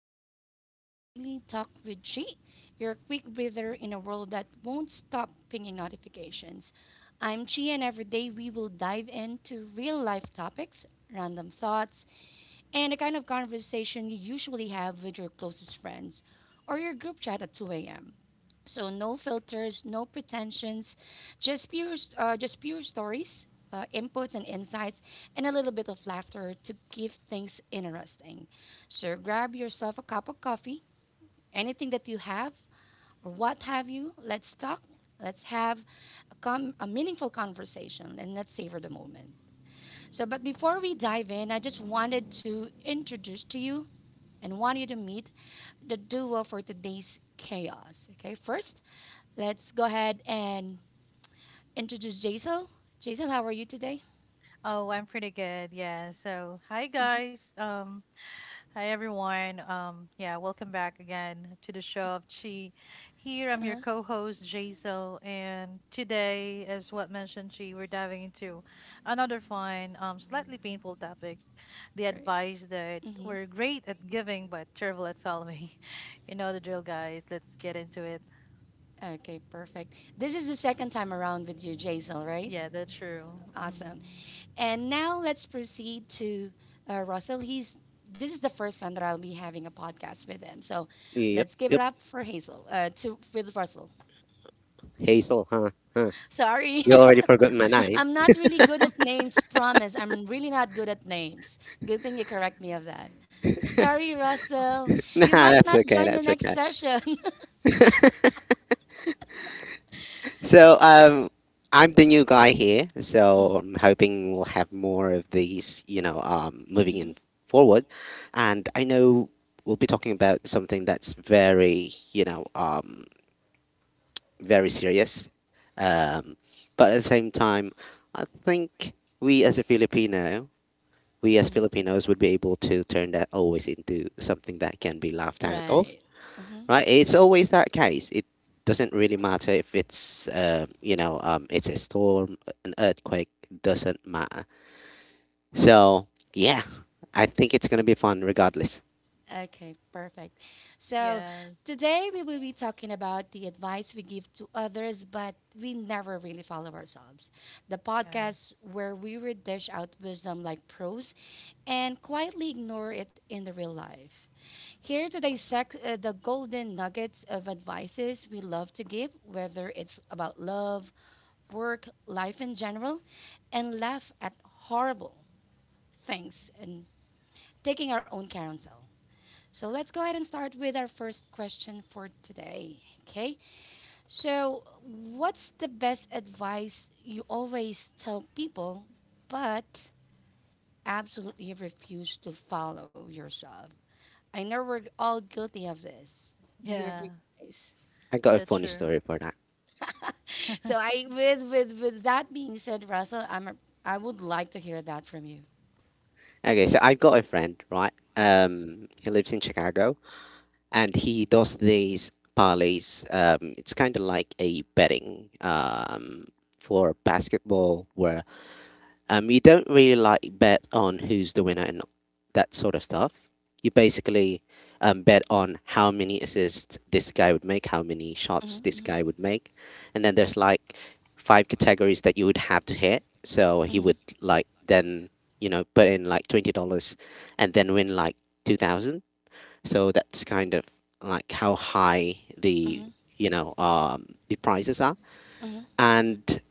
Welcome to Daily Talk with G, your quick breather in a world that won't stop pinging notifications. I'm Chi, and every day we will dive into real life topics, random thoughts, and the kind of conversation you usually have with your closest friends or your group chat at 2 a.m. So no filters, no pretensions, just pure stories, inputs and insights, and a little bit of laughter to give things interesting. So grab yourself a cup of coffee, anything that you have or what have you. Let's talk. Let's have a meaningful conversation and let's savor the moment. So, but before we dive in, I just wanted to introduce to you and want you to meet the duo for today's chaos. Okay, first, let's go ahead and introduce Jaisal. Jaisal, how are you today? Oh, I'm pretty good. Yeah. So, hi guys. Hi everyone. Yeah, Welcome back again to the show of Chi. Here, I'm your Uh-huh. co-host Jaisal, and today, as what mentioned, Chi, we're diving into another fun, slightly painful topic: the advice that Hmm. we're great at giving but terrible at following. You know the drill, guys. Let's get into it. Okay, perfect. This is the second time around with you, Jaisal, right? Yeah, that's true. Awesome. And now let's proceed to Russell. He's this is the first time that I'll be having a podcast with him. So Yep, let's give it yep. up for Hazel, to with Russell. Hazel, huh? Huh. Sorry. You already forgot my name. I'm not really good at names, promise. I'm really not good at names. Good thing you correct me of that. Sorry, Russell. Nah, You might that's not okay. join the That's next okay. session. So, I'm the new guy here, so Mm, I'm hoping we'll have more of these, moving mhm. in forward. And I know we'll be talking about something that's very serious. Um, but at the same time, I think we as a Filipino, we as Mhm. Filipinos would be able to turn that always into something that can be laughed at. Of Right. Hmm. Right? It's always that case. It doesn't really matter if it's you know it's a storm, an earthquake. Doesn't matter. So yeah, I think it's gonna be fun regardless. Okay, perfect. So Yes. today we will be talking about the advice we give to others, but we never really follow ourselves. The Yes. podcast where we would dish out wisdom like pros and quietly ignore it in the real life. Here to dissect the golden nuggets of advices we love to give, whether it's about love, work, life in general, and laugh at horrible things and taking our own counsel. So let's go ahead and start with our first question for today. Okay. So, what's the best advice you always tell people, but absolutely refuse to follow yourself? I know we're all guilty of this. Do you Yeah, agree, guys? I got a that's funny true. story for that. So, I with that being said, Russell, I would like to hear that from you. Okay, so I've got a friend, right? He lives in Chicago, and he does these parlays. It's kind of like a betting for basketball. Where You don't really like bet on who's the winner and that sort of stuff. You basically bet on how many assists this guy would make, how many shots this Mm-hmm, guy would make, and then there's like five categories that you would have to hit. So he mm-hmm, would like then put in like $20, and then win like 2000. So that's kind of like how high the mm-hmm, you know the prizes are, and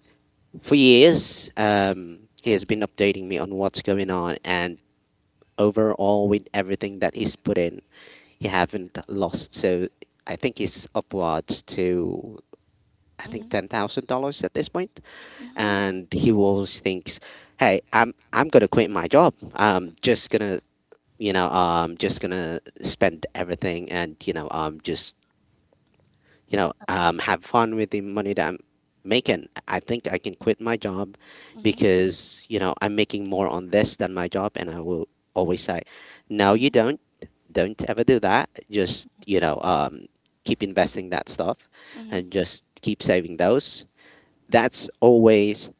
for years, he has been updating me on what's going on, and overall, with everything that he's put in, he haven't lost. So I think he's upwards to, I mm-hmm, think, $10,000 at this point, and he always thinks, "Hey, I'm gonna quit my job. I'm just gonna." Just gonna spend everything, and just have fun with the money that I'm making. I think I can quit my job mm-hmm, because, I'm making more on this than my job. And I will always say, no, you mm-hmm, don't. Don't ever do that. Just, keep investing that stuff and just keep saving those. That's always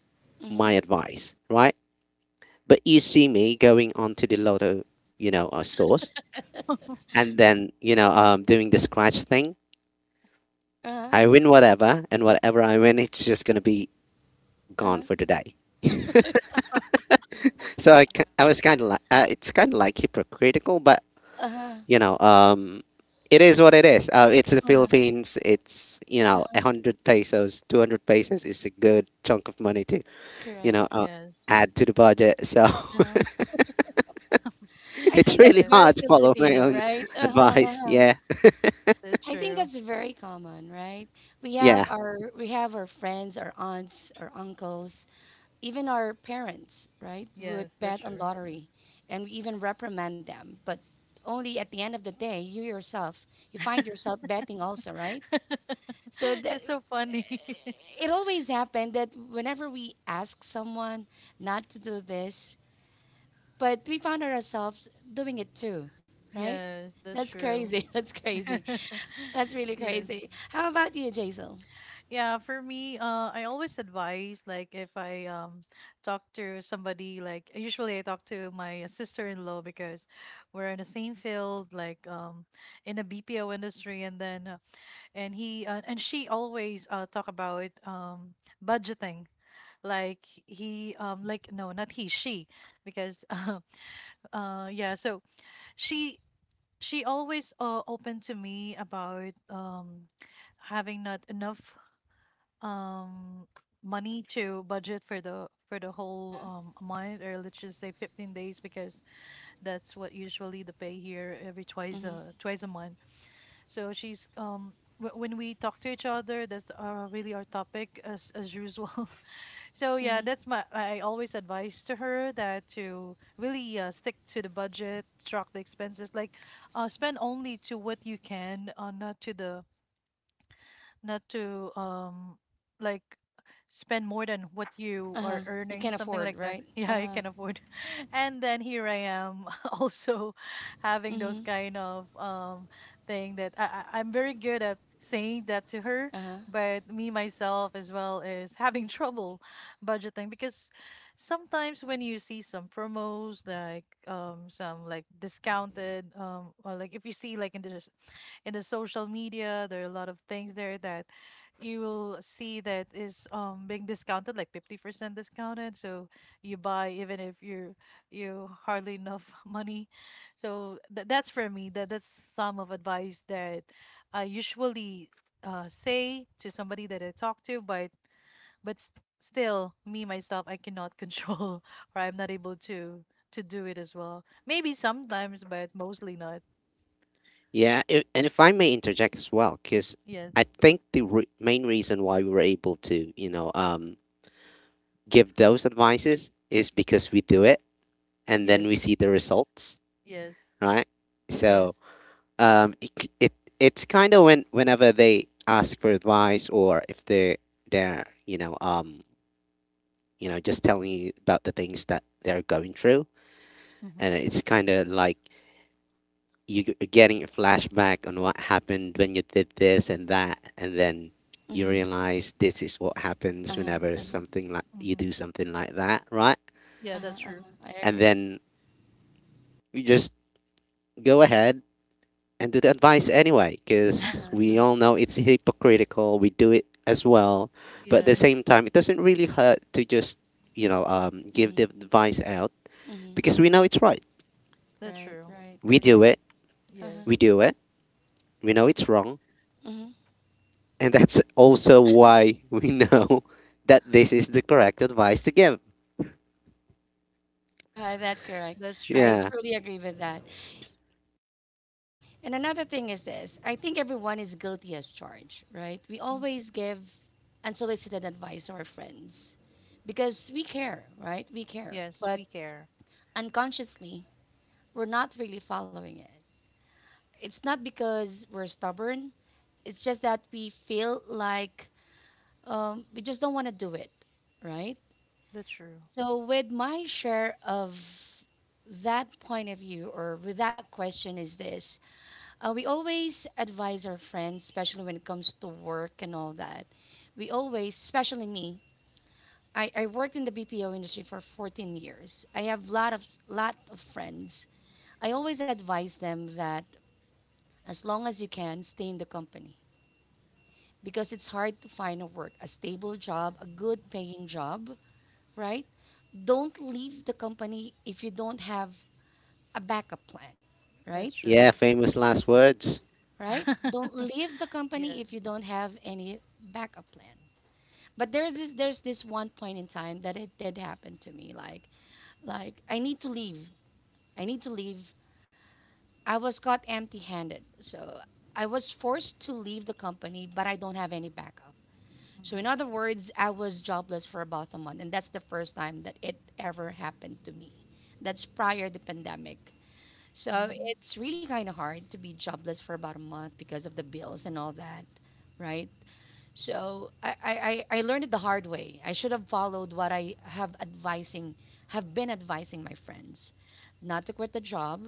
my mm-hmm. advice, right? But you see me going onto the lotto, stores, and then, doing the scratch thing. Uh huh. I win whatever, and whatever I win, it's just going to be gone Uh-huh. for the day. So I, Yeah. ki- I was kind of like, it's kind of like hypocritical, but Uh-huh. you know, um, it is what it is. It's the Uh-huh. Philippines. It's 100 pesos, 200 pesos is a good chunk of money to you know Correct. uh, Yes. add to the budget. So Uh-huh. I it's think really that's Yes, hard very to follow my Filipino, own right? Uh-huh. advice. Uh-huh. Yeah, that's I think true. that's very common, right? We have yeah, Yes, our we have our friends, our aunts, our uncles, even our parents, right? Would yes, that's bet on true. lottery and we even reprimand them, but only at the end of the day, you yourself, you find yourself betting also, right? So that That's so funny. it always happened that whenever we ask someone not to do this but we found ourselves doing it too, right? Yes, that's That's true. crazy. That's crazy. That's really Yes. crazy. How about you, Jaisal? Yeah, for me, I always advise, like, if I talk to somebody, like, usually I talk to my sister-in-law because we're in the same field, like in the BPO industry, and then and he and she always talk about budgeting, like he, like, no, not he, she, because yeah, so she she always, open to me about having not enough um money to budget for the whole month, or let's just say 15 days, because that's what usually the pay here, every Mhm. Twice a month. So when we talk to each other, that's really our topic, as usual. So yeah, Mhm. that's my, I always advise to her that to really stick to the budget, track the expenses, like, spend only to what you can, not to the not to like, spend more than what you Uh huh. are You can earning, not something afford, like that. right? Uh Yeah, you huh. can afford. And then here I am, also having those Mhm. kind of thing that I'm very good at saying that to her, Uh huh. but me myself as well is having trouble budgeting, because sometimes when you see some promos, like, some, like, discounted, or, like, if you see, like, in the social media, there are a lot of things there that you will see that is being discounted, like 50% discounted. So you buy even if you're, you hardly enough money. So that's for me. That's some of advice that I usually say to somebody that I talk to, but still me myself I cannot control, or I'm not able to do it as well. Maybe sometimes, but mostly not. yeah. I and if I may interject as well, because Yes, I think the main reason why we were able to give those advices is because we do it and then yes, we see the results, yes. right? Yes. So um, it, it it's kind of whenever they ask for advice or if they're just telling you about the things that they're going through, hmm and it's kind of like you're getting a flashback on what happened when you did this and that, and then you Mhm. realize this is what Uh happens huh. whenever Uh huh. something like you hmm do something like that, right? Yeah, Uh huh. that's Uh true. huh. I And agree. then you just go ahead and do the advice anyway, Uh because huh. we Uh all know it's hypocritical. We do it as well, but huh. at the Yes, Mhm. same time, it doesn't really hurt to just give the Mhm. advice out, Mhm. because we know it's right. that's Right. true. Right. we Right. do it Uh huh. Yes, we do it We know it's wrong, Mhm. and that's also why we know that this is the correct advice to give. Uh huh. That's correct. that's I true. Yeah truly agree with that. And another thing is this. I think everyone is guilty as charged, right? We Mm. always give unsolicited advice to our friends because we care, right? We care. Yes, But we care. unconsciously, we're not really following it. It's not because we're stubborn, it's just that we feel like we just don't want to do it, right? That's true. So, with my share of that point of view or with that question, is this we always advise our friends, especially when it comes to work and all that. We always, especially me, I worked in the BPO industry for 14 years. I have lot of friends. I always advise them that as long as you can, stay in the company because it's hard to find a work, a stable job, a good paying job, right? Don't leave the company if you don't have a backup plan, right? That's true. yeah, famous last words. Right? Don't leave the Yeah. company if you don't have any backup plan. But there's this one point in time that it did happen to me. Like I need to leave. I need to leave. I was caught empty-handed. So I was forced to leave the company, but I don't have any backup. So Mm-hmm. in other words, I was jobless for about a month, and that's the first time that it ever happened to me. That's prior the pandemic. So Mm-hmm. it's really kind of hard to be jobless for about a month because of the bills and all that, right? So I learned it the hard way. I should have followed what I have been advising my friends. Not to quit the job,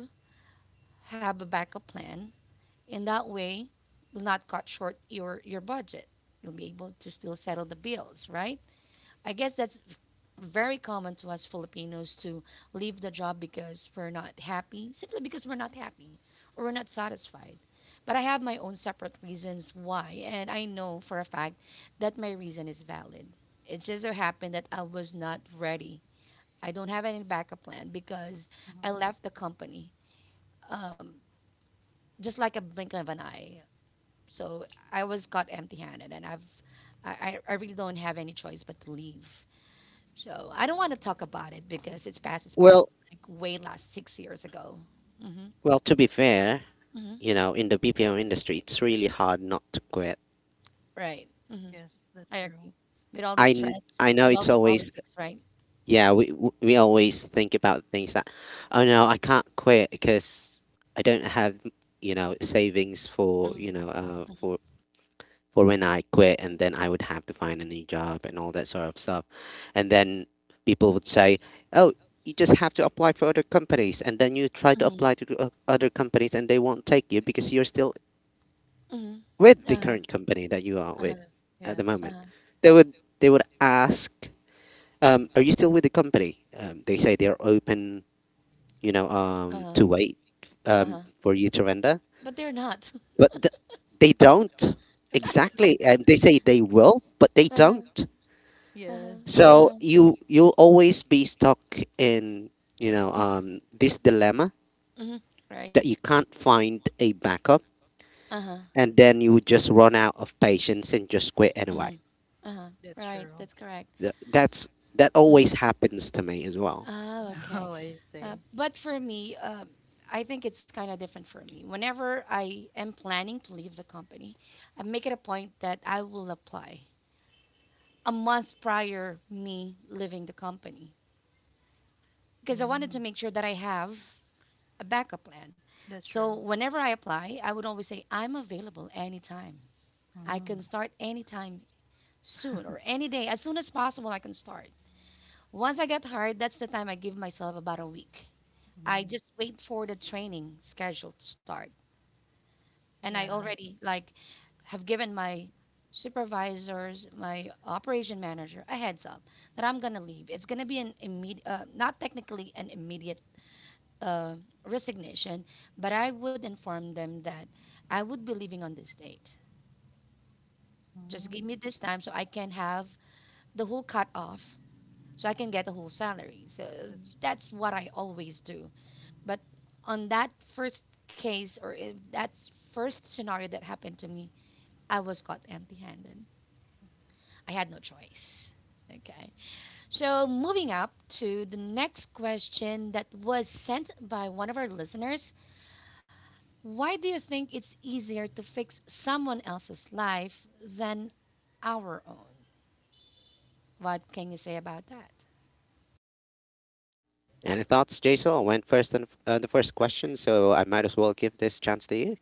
have a backup plan. In that way, will not cut short your budget. You'll be able to still settle the bills, right? I guess that's very common to us Filipinos to leave the job because we're not happy, simply because we're not happy or we're not satisfied. But I have my own separate reasons why, and I know for a fact that my reason is valid. It just so happened that I was not ready. I don't have any backup plan because I hmm left the company um, just like a blink of an eye. So I was caught empty handed, and I've I really don't have any choice but to leave. So I don't want to talk about it because it's past, well like way last 6 years ago. Hmm. well to be fair, Hmm. In the BPO industry, it's really hard not to quit. Right. Hmm. Yes, that's I true. agree. With all the i kn- stress, i know with all it's the always. politics, right? Yeah, we always think about things that, oh no, I can't quit because I don't have, savings for, Mm-hmm. For when I quit, and then I would have to find a new job and all that sort of stuff. And then people would say, "Oh, you just have to apply for other companies." And then you try to Hmm. apply to the other companies, and they won't take you because you're still Hmm. with the Uh-huh, current company that you are with uh-huh, Yes. at the Yes. moment. uh-huh, They would they would ask, are you still with the company? They say they're open, uh-huh, to wait, uh-huh. For you to render, But they're not. but they don't Yeah. exactly. They say they will, but they Uh-huh, don't. Yeah, uh-huh, So uh-huh. you'll always be stuck in, Hmm. This dilemma Hmm. Right. that you can't find a backup, Uh-huh. and then you would just run out of patience and just quit Hmm. anyway. Uh-huh. that's Right. true. That's correct. Th- that's that always Hmm. happens to me as well. Oh, okay. Oh, I see. But for me, I think it's kind of different for me. Whenever I am planning to leave the company, I make it a point that I will apply a month prior me leaving the company because I wanted to Mm, make sure that I have a backup plan. that's So true. whenever I apply, I would always say I'm available anytime. I can Mm, start anytime soon or any day as soon as possible I can start. Once I get hired, that's the time I give myself about a week. I mm, just wait for the training schedule to start. And I yeah. already like have given my supervisors, my operation manager a heads up that I'm gonna leave. It's gonna be an immediate, not technically an immediate uh, resignation, but I would inform them that I would be leaving on this date. Just give Mm, me this time so I can have the whole cut off, so I can get the whole salary. So that's. that's what I always do. Mm. But on that first case or if that's first scenario that happened to me, I was caught empty-handed. I had no choice. Okay. So moving up to the next question that was sent by one of our listeners. Why do you think it's easier to fix someone else's life than our own? What can you say about that? Any thoughts, Jason? I went first on, the first question, so I might as well give this chance to you.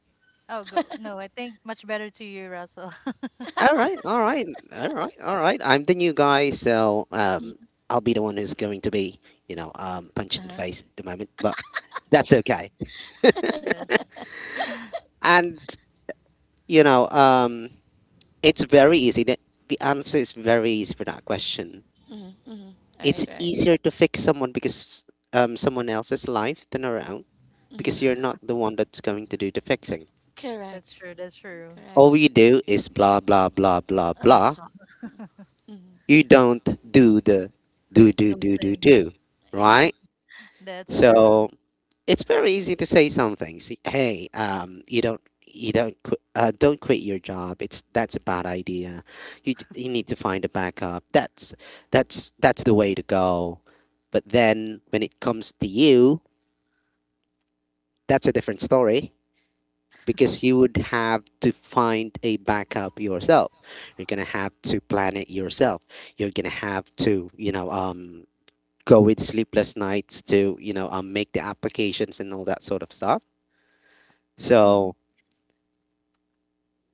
Oh, go. No, I think much better to you, Russell. All right, all right, all right, all right. I'm the new guy, so I'll be the one who's going to be, punched in the Uh-huh. face at the moment, but that's okay. Yes. And you know, um, it's very easy. The answer is very easy for that question. Mm-hmm. Mm-hmm. All right, It's right. easier to fix someone because, someone else's life than our own, because Mm-hmm. you're not the one that's going to do the fixing. That's Correct. true. That's true. All Correct. you do is blah blah blah blah Uh, blah. top. Mm-hmm. You don't do the do do Those do do things. do, Yeah, right? That's true. So it's very easy to say some things. Hey, you don't qu- don't quit your job. It's that's a bad idea. You need to find a backup. That's the way to go. But then when it comes to you, that's a different story, because you would have to find a backup yourself. You're gonna have to plan it yourself. You're gonna have to, go with sleepless nights to, make the applications and all that sort of stuff. Hmm So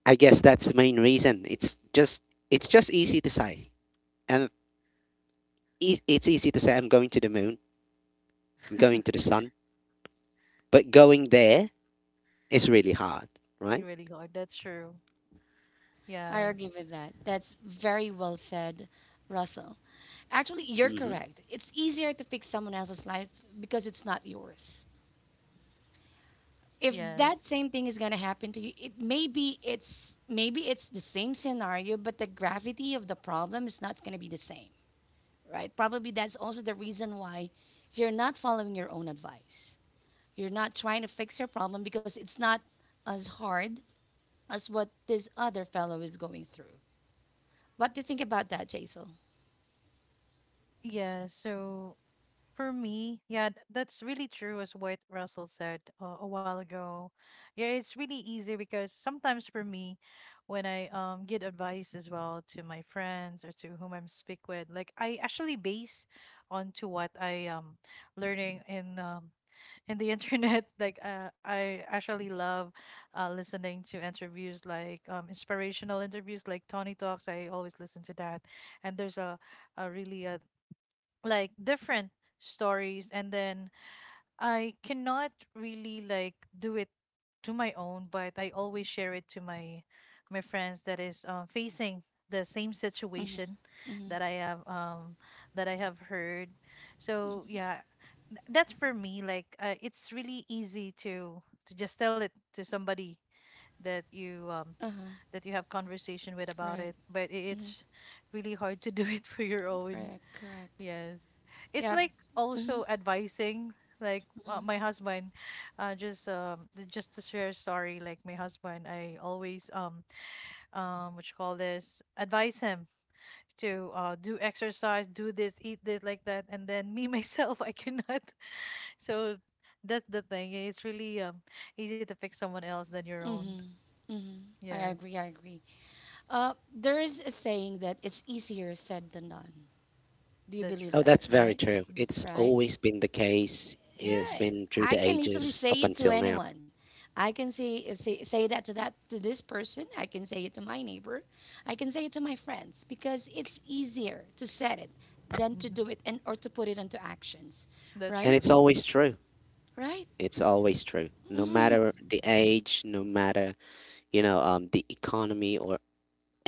I guess that's the main reason. It's just easy to say, and it's easy to say I'm going to the moon, I'm going to the sun, but going there is really hard, You right? really are. That's true. I agree Yes. with that. That's very well said, Russell. Actually, you're Mm-hmm. correct. It's easier to fix someone else's life because it's not yours. If Yes. that same thing is going to happen to you, it maybe it's the same scenario, but the gravity of the problem is not going to be the same, right? Probably that's also the reason why you're not following your own advice. You're not trying to fix your problem because it's not as hard as what this other fellow is going through. What do you think about that, Jaisal? Yeah. So for me, yeah, that's really true as what Russell said a while ago. Yeah, it's really easy because sometimes for me, when I get advice as well to my friends or to whom I'm speak with, like, I actually base onto what I learning in the internet. Like, I actually love listening to interviews, like, inspirational interviews like Tony Talks. I always listen to that, and there's a really like, different stories. And then I cannot really, like, do it to my own, but I always share it to my friends that is, facing the same situation that I have, that I have heard. So yeah, that's for me, like, it's really easy to just tell it to somebody that you um that you have conversation with about Right. it, but it's really hard to do it for your own. Correct. Correct. Yes. It's Yeah. like Mm-hmm. also advising, like, my husband, just just to share a story. Like, my husband, I always what you call this, advise him to, do exercise, do this, eat this, like that, and then me myself I cannot. So that's the thing. It's really easy to pick someone else than your own. Mm-hmm. Mm-hmm. I Yeah, agree. I agree. There is a saying that it's easier said than done. Do you that's believe true. Oh, that? that's very Right? true. Mm, It's Right? always been the case. It's Yeah. mm-hmm. been through I the can easily ages say up it to until now. anyone. I can say that to this person. I can say it to my neighbor. I can say it to my friends because it's easier to set it than to hmm do it and or to put it into actions. That's And Right? true. it's always true. Right? It's always true. No Mm-hmm. matter the age, no matter, the economy or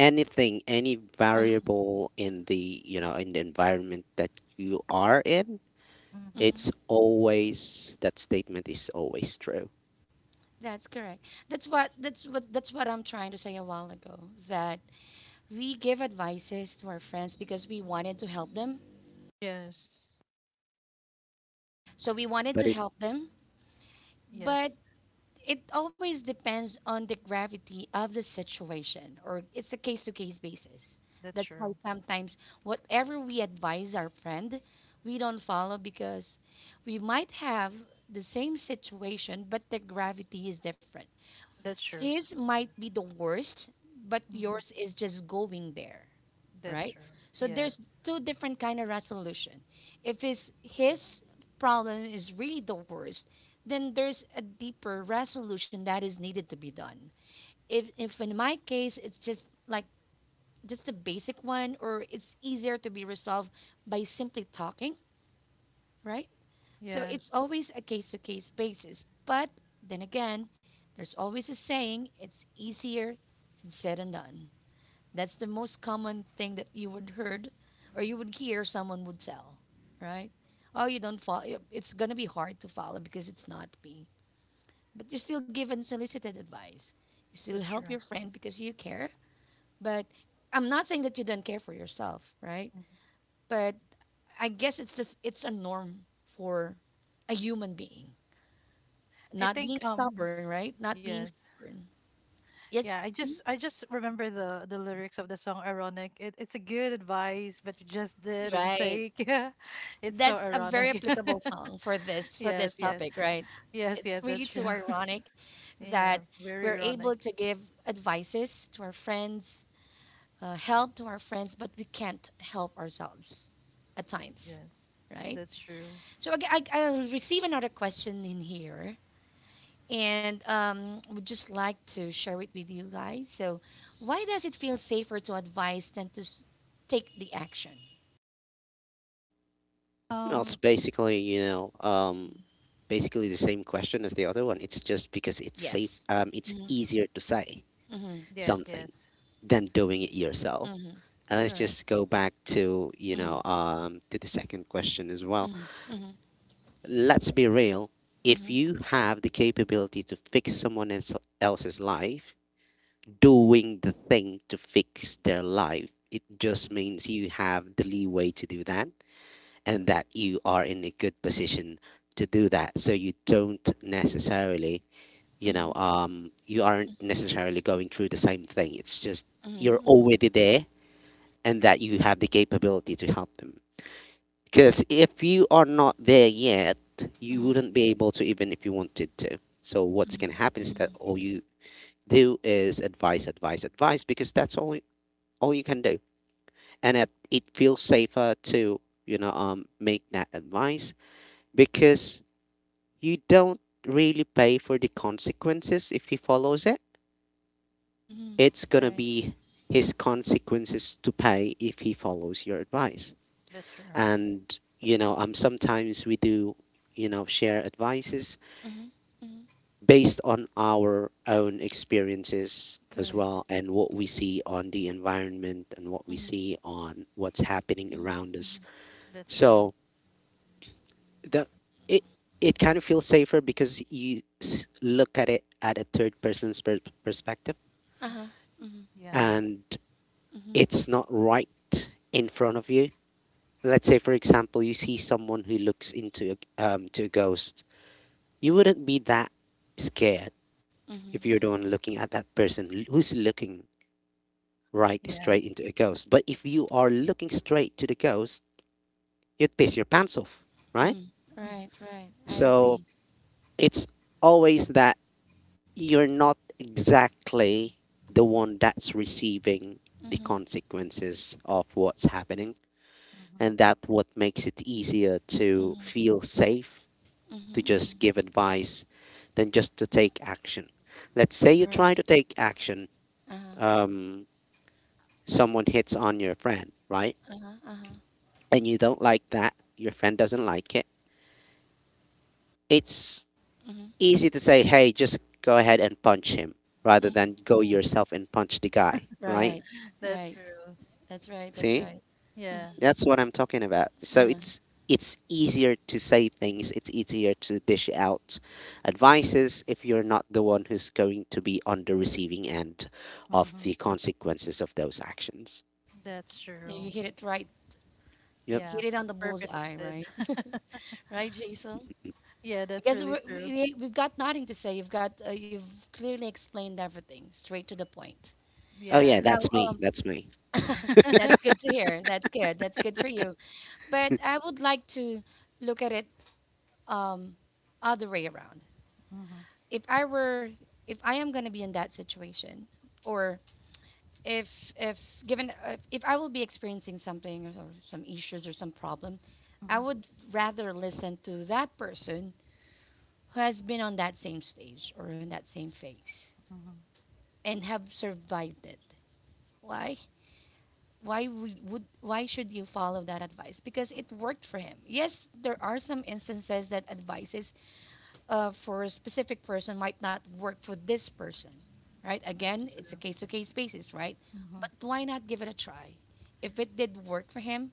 anything, any Uh, variable in the environment that you are in, Hmm it's always, that statement is always true. that's correct. That's what I'm trying to say a while ago that we give advices to our friends because we wanted to help them. Yes. So we wanted to But help them, but Yes. it always depends on the gravity of the situation or it's a case to case basis. That's That's why true. sometimes whatever we advise our friend, we don't follow because we might have the same situation, but the gravity is different. That's true. His might be the worst, but Mm-hmm. yours is just going there. That's Right? true. So Yes. there's two different kind of resolution. If his problem is really the worst, then there's a deeper resolution that is needed to be done. If in my case it's just like just the basic one, or it's easier to be resolved by simply talking, right? So Yes. it's always a case to case basis. But then again, there's always a saying, it's easier than said and done. That's the most common thing that you would heard, or you would hear someone would tell, right? Oh, you don't follow. It's gonna be hard to follow because it's not me. But you still give unsolicited advice. You still That's help true. your friend because you care. But I'm not saying that you don't care for yourself, right? Mhm. But I guess it's a norm for a human being. I Not think being stubborn, right? Not being Yes. stubborn. Yes, Yeah, I just, remember the lyrics of the song Ironic. It's a good advice, but you just didn't right. take. Yeah. It's so That's a very ironic. applicable song for this for Yes, this yes. topic, right? Yes, It's yes, really that's too true. ironic Yeah, that very we're able ironic. to give advices to our friends, help to our friends, but we can't help ourselves at times, Yes, right? that's true. So I receive another question in here, and would just like to share it with you guys. So, why does it feel safer to advise than to take the action? well, it's Um, basically, basically the same question as the other one. It's just because it's safe, Yes. It's Mm-hmm, easier to say mm-hmm, yes, something yes, than doing it yourself. mm-hmm. And let's Correct. just go back to the second question as well. Mm-hmm, mm-hmm. Let's be real. If Mhm, you have the capability to fix someone else's life, doing the thing to fix their life, it just means you have the leeway to do that, and that you are in a good position to do that. So you don't necessarily, you know, mhm, you aren't necessarily going through the same thing. It's just you're mhm, mhm, already there, and that you have the capability to help them. Because if you are not there yet, you wouldn't be able to, even if you wanted to. So what's gonna happen mhm, is that mhm, all you do is advise, advise, advise, because that's all you can do, and it feels safer to, make that advice, because you don't really pay for the consequences if he follows it. mhm. It's gonna Right. be his consequences to pay if he follows your advice. that's true. And sometimes we do, share advices Mhm, mhm. based on our own experiences as Correct. well, and what we Correct. see on the environment, and what we Mhm, see on what's happening mhm, around mhm. us. That's true. So the it it kind of feels safer because you look at it at a third person's perspective, Mm, Uh-huh. Mhm, yeah, and mhm, it's not right in front of you. Let's say, for example, you see someone who looks to a ghost. You wouldn't be that scared mhm, if you're the mhm, one looking at that person who's looking right yes, straight into a ghost. But if you are looking straight to the ghost, you'd piss your pants off, right? mhm. mhm, Right, right. I So agree. it's always that you're not exactly the one that's receiving the Mhm, consequences of what's happening. mhm, And that what makes it easier to mhm, feel safe, mhm, to just mhm. give advice than just to take action. Let's say you Right. try to take action, Uh-huh. um, someone hits on your friend, right? Uh-huh. Uh-huh. And you don't like that, your friend doesn't like it. It's Mhm, easy to say, hey, just go ahead and punch him rather mhm. than go yourself and punch the guy, right? Right. that's Right. true. That's right. That's See? right. Yeah, That's what I'm talking about. So Uh-huh. it's easier to say things, it's easier to dish out advices if you're not the one who's going to be on the receiving end mm, of mm-hmm. the consequences of those actions. That's You true. hit it right. Yep. Yeah, Hit it on the perfectly bullseye, said. right? Right, Jason? Yeah, I that's guess we, really true. we we've got nothing to say. You've got you've clearly explained everything, straight to the point. Oh yeah, Yes. Now, that's me. um, That's me. that's good to hear. That's good. That's good for you. But I would like to look at it, um, other way around. Mm-hmm, If I were, if I am going to be in that situation, or if if given if I will be experiencing something, or some issues or some problem, I mm-hmm, would rather listen to that person who has been on that same stage or in that same phase, mm-hmm. and have survived it. Why? Why would why should you follow that advice? Because it worked for him. Yes, there are some instances that advices for a specific person might not work for this person, right? That's Again, it's a true. case to case basis, right? Mm-hmm, But why not give it a try? If it did work for him,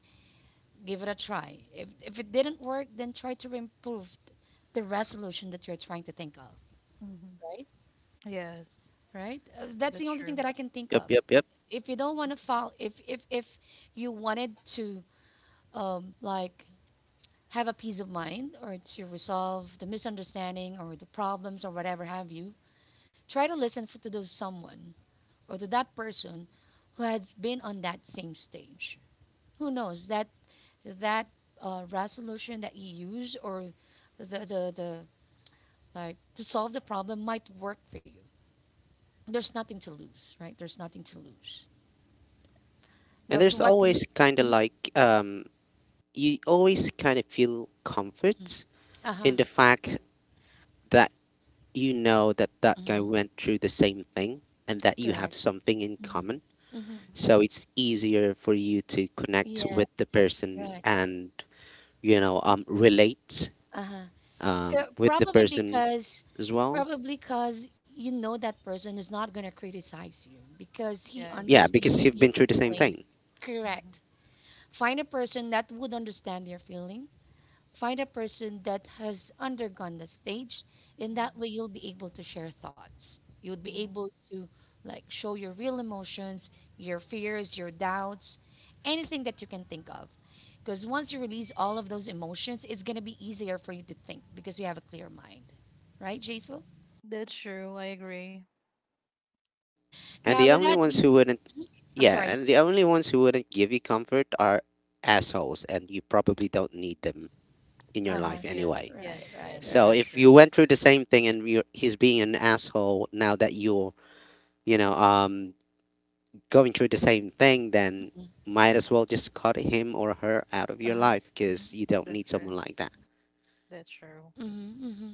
give it a try. If it didn't work, then try to improve the resolution that you're trying to think of, mm-hmm. right? Yes, Right? That's the that's only thing true. that I can think Yep, of. yep, yep. If you don't want to fall, if you wanted to um like have a peace of mind, or to resolve the misunderstanding or the problems or whatever have you, try to listen to those someone or to that person who has been on that same stage, who knows that that resolution that you use, or the like, to solve the problem might work for you. There's nothing to lose. Right, there's nothing to lose. And Now there's what can you. always kind of like you always kind of feel Mhm. comfort Mm-hmm, Uh-huh. in the fact that you know that that guy went through the same thing and that you have Correct. something in common. Mhm. mm-hmm. So it's easier for you to connect with the Yes, person correct. and relate Uh-huh. Co- with the Probably person because, as well. probably because you know that person is not going to criticize you because he Yes. Yeah, understood because you've your been through the same feelings. thing. Mhm, Correct. Find a person that would understand your feeling. Find a person that has undergone the stage. In that mhm, way, you'll be able to share thoughts. You'll be mhm. able to like show your real emotions, your fears, your doubts, anything that you can think of. Because once you release all of those emotions, it's going to be easier for you to think because you have a clear mind. Right, Jaisal? That's true. I agree. And Now, the with only that ones being, who wouldn't I'm Yeah, sorry. and the only ones who wouldn't give you comfort are assholes and you probably don't need them in your Uh huh. life Yes, anyway. yes, Right, yes. right, So That's right. if you true. went through the same thing and he's being an asshole now that you're, you know, um, going through the same thing, then might as well just cut him or her out of Uh your huh. life because you don't That's need true. someone like that. That's true. Mm-hmm, mm-hmm.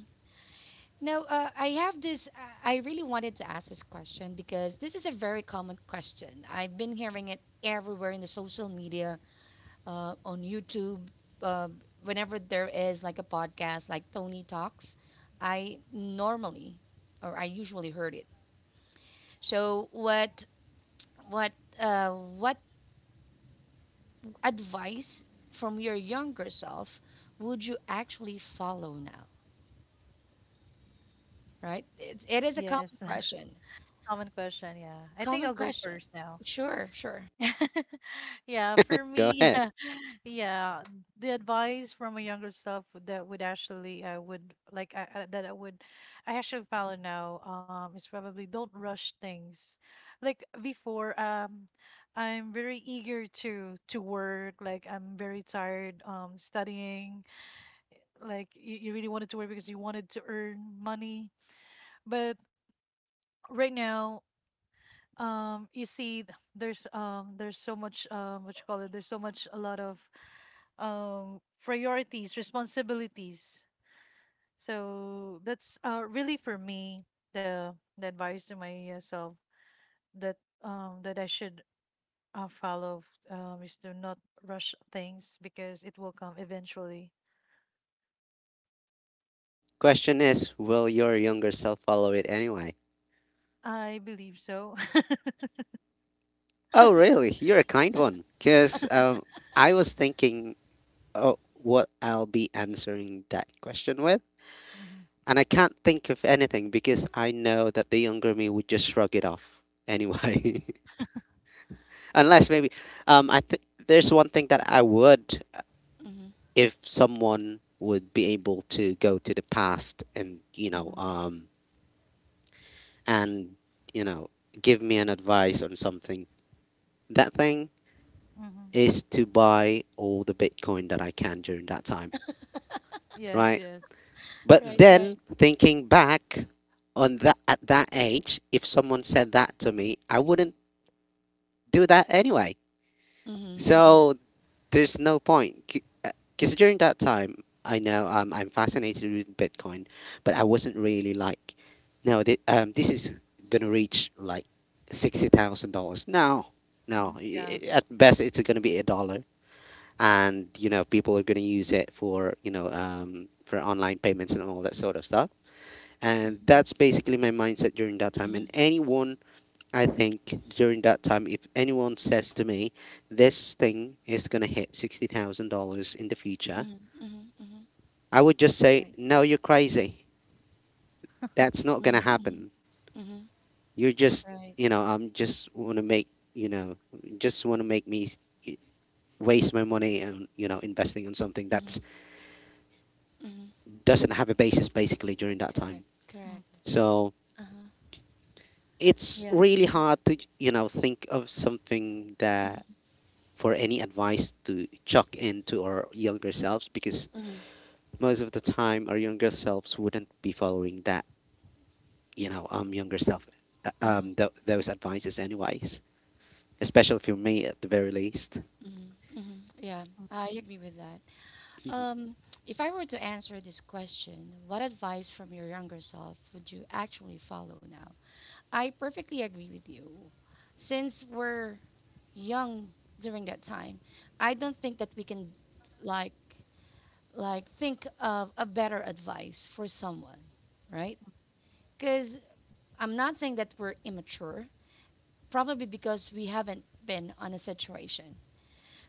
Now, I have this. I really wanted to ask this question because this is a very common question. I've been hearing it everywhere in the social media, on YouTube, uh, whenever there is like a podcast like Tony Talks. I normally, or I usually heard it. So, What uh, what advice from your younger self would you actually follow now? Right? It is a Yes. common question. Common question. Yeah. I think Common I'll go question. first now. Sure, sure. Yeah, for Go me, ahead. yeah, yeah, the advice from a younger self would- that would actually I would like, that I would, I actually follow now is probably, don't rush things. Like before, I'm very eager to work. Like, I'm very tired studying. Like, you really wanted to work because you wanted to earn money, but right now you see there's, there's so much, what you call it, there's so much a lot of priorities, responsibilities, so that's really for me the advice to myself that that I should follow is to not rush things, because it will come eventually. Question is, will your younger self follow it anyway? I believe so. Oh, really? You're a kind one. Because I was thinking, oh, what I'll be answering that question with. hmm And I can't think of anything because I know that the younger me would just shrug it off anyway. Unless maybe I think there's one thing that I would if someone would be able to go to the past and hmm and you know give me an advice on something. That thing hmm is to buy all the Bitcoin that I can during that time, yes, right? yes. But Right, right. then thinking back on that at that age, if someone said that to me, I wouldn't do that anyway. Mm-hmm, So there's no point. Cause during that time, I know I'm fascinated with Bitcoin, but I wasn't really like, no, this is gonna reach like $60,000. No, Mm, no. Yeah. At best, it's gonna be a dollar, and you know people are gonna use it for for online payments and all that sort of stuff. And mm-hmm, that's Yes. basically my mindset during that time. And mm-hmm, anyone I think during that time, if anyone says to me, this thing is going to hit $60,000 in the future, mm-hmm, mm-hmm. I would just say, Right. no, you're crazy. That's not going to Mm-hmm, happen. mm-hmm. You're just, Right. you know, I'm just want to make, you know, just want to make me eh, waste my money and, you know, investing on something that Mm-hmm, mm-hmm. doesn't have a basis basically during that time. Correct, correct. hmm So Uh-huh. it's Yeah. really Mm-hmm, hard to, you know, think of something that for any advice to chuck into our younger selves because mm-hmm, mm-hmm. most of the time our younger selves wouldn't be following that you know um younger self Uh-huh. Those advices anyways, especially for me at the very least. Mm-hmm, mm-hmm. Yeah, I agree with that. Um, if I were to answer this question, what advice from your younger self would you actually follow now? I perfectly agree with you. Since we're young during that time, I don't think that we can like like think of a better advice for someone, right? Cuz I'm not saying that we're immature, probably because we haven't been on a situation.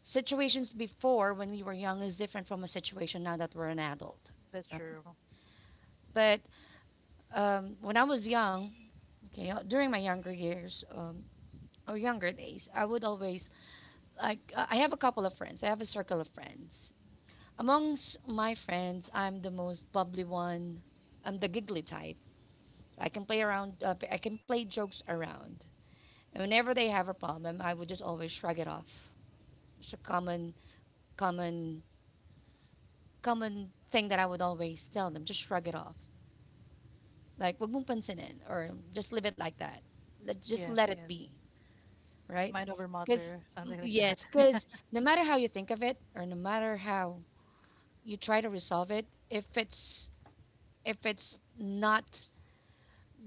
Situations before when we were young is different from a situation now that we're an adult. that's Right? true. But when I was young, okay, during my younger years or younger days, I would always like I have a couple of friends. I have a circle of friends. Amongst my friends, I'm the most bubbly one. I'm the giggly type. I can play around. I can play jokes around. And whenever they have a problem, I would just always shrug it off. It's a common, common thing that I would always tell them. Just shrug it off. Like, wag mong pansinin, or just leave it like that. Let, just Yes, let it yes. be. Right? Mind over Because matter, something like that. yes, because no matter how you think of it, or no matter how you try to resolve it, if it's not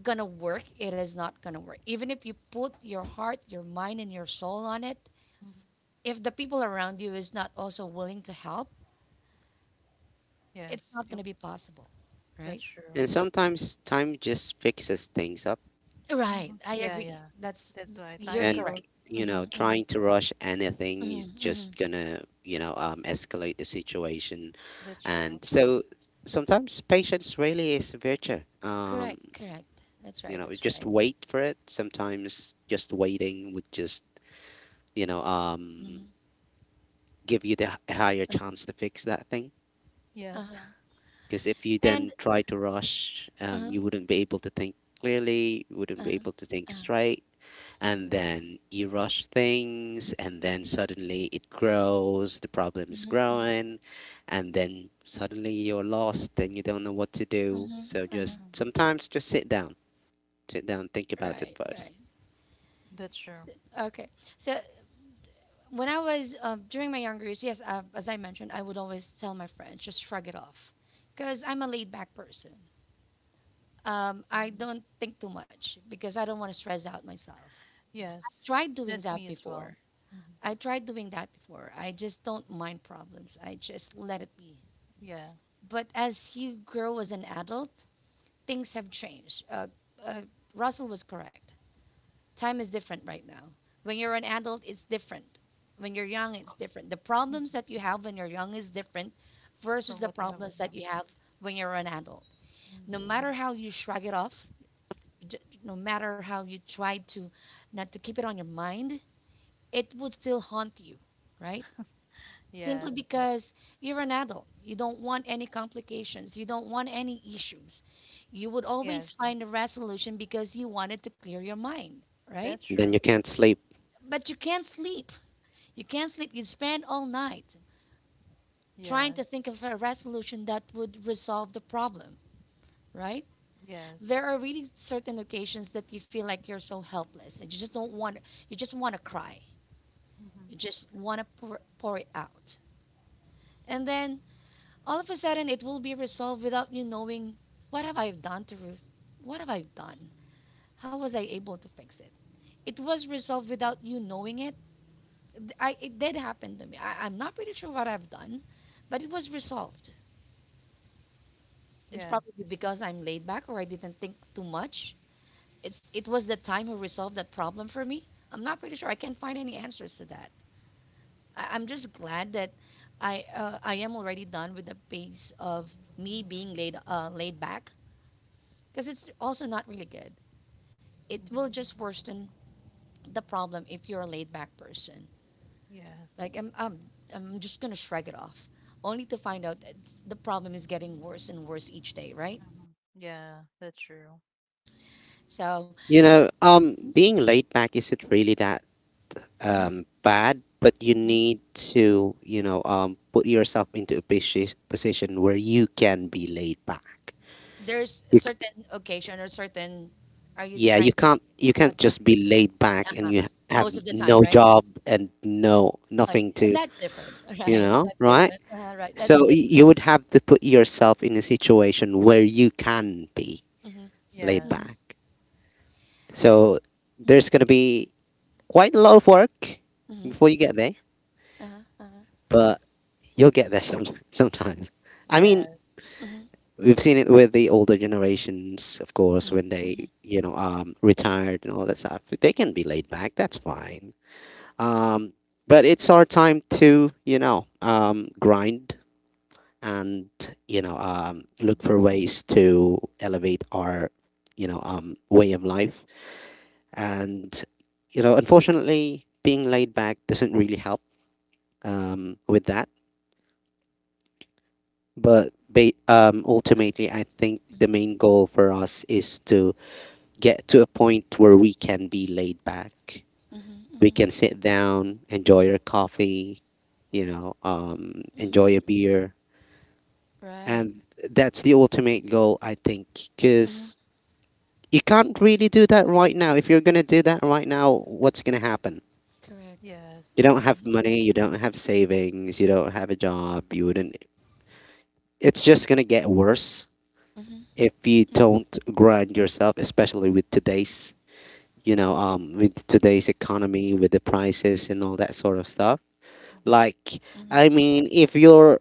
gonna work, it is not gonna work. Even if you put your heart, your mind, and your soul on it, Mhm. if the people around you is not also willing to help, it's Yes, it, not gonna be possible, that's right? true. And sometimes time just fixes things up, Hmm Right, I Yeah, yeah. agree. That's why time You're and heals. correct. you know Hmm, hmm, trying to rush anything is hmm, hmm. just gonna escalate the situation. That's true. And so sometimes patience really is a virtue. Correct, correct. That's You right. know, That's just right. wait for it. Sometimes just waiting would just you know um Hmm. give you the higher chance to fix that thing. Yes. Uh huh. Because if you And then try to rush, uh huh. You wouldn't be able to think clearly, you wouldn't Uh be able to huh. think straight, and hmm then you rush things, and then suddenly it grows, the problem is Mhm, growing, and then suddenly you're lost and you don't know what to mhm, do. So uh-huh. just hmm sometimes just sit down, think about it Right, first, right. That's true. So, okay. So when I was during my younger years, yes, as I mentioned, I would always tell my friends just shrug it off, because I'm a laid back person. I Hmm don't think too much because I don't want to stress out myself. Yes. Tried doing That's me that as well. before. Hmm I tried doing that before. I just don't mind problems. I just let it be. Yeah. But as you grow as an adult, things have changed. Uh, Russell was correct. Time is different right now. When you're an adult, it's different. When you're young, it's different. The problems hmm that you have when you're young is different versus From the what you have problems right now. that you have when you're an adult. No Hmm matter how you shrug it off, no matter how you try to not to keep it on your mind, it would still haunt you, right? Simply Yes. because you're an adult. You don't want any complications. You don't want any issues. You would always Yes. find a resolution because you wanted to clear your mind, That's right? and true. then you That's can't true. sleep. But you can't sleep. You can't sleep. You spend all night trying Yes. to think of a resolution that would resolve the problem, right? Yes. There are really certain occasions that you feel like you're so helpless, and you just don't want, you just want to cry. hmm You just want to pour it out. And then all of a sudden it will be resolved without you knowing. What have I done to Ruth? What have I done? How was I able to fix it? It was resolved without you knowing it. I it did happen to me. I'm not pretty sure what I've done, but it was resolved. It's Yes. probably because I'm laid back or I didn't think too much. It was the time who resolved that problem for me. I'm not pretty sure. I can't find any answers to that. I'm just glad that I am already done with the pace of me being laid laid back, because it's also not really good. It hmm will just worsen the problem if you're a laid back person. Like Yes. I'm just gonna shrug it off, only to find out that the problem is getting worse and worse each day. Right? hmm Yeah, that's true. So. You know, being laid back isn't really that bad, but you need to, you know, put yourself into a position where you can be laid back. There's a You, c- certain occasion or certain, are you yeah, trying you to, can't you can't okay, just be laid back and uh-huh. you have Most of the time, no right? job and no Oh, nothing to, that's different. you Right, know, that's right? different. Right, that is So you different. would have to put yourself in a situation where you can be Mm-hmm. laid Yes. Mm-hmm. back. Okay. So Mm-hmm. there's gonna be quite a lot of work Mm-hmm. before you get there, Uh-huh. Uh-huh. but you'll get there some, sometimes. I mean, Yes. Mm-hmm. We've seen it with the older generations, of course, when they, you know, retired and all that stuff. They can be laid back. That's fine. Um, but it's our time to, you know, grind and, you know, Mhm. look for ways to elevate our, you know, way of life. And, you know, unfortunately, being laid back doesn't really help with that. But ultimately, I think the main goal for us is to get to a point where we can be laid back. Mm-hmm. Mm-hmm. We can sit down, enjoy our coffee, you know, Mm-hmm. enjoy a beer. Right. And that's the ultimate goal, I think, Mm-hmm. because you can't really do that right now. If you're going to do that right now, what's going to happen? Correct. Yes. You don't Agree, have money, agree. you don't have savings, you don't have a job, you wouldn't. Mm-hmm. It's just going to get worse Mm-hmm. if you Mm-hmm. don't grind yourself, especially with with today's economy, with the prices and all that sort of stuff. Mhm. Like, Mm-hmm. If you're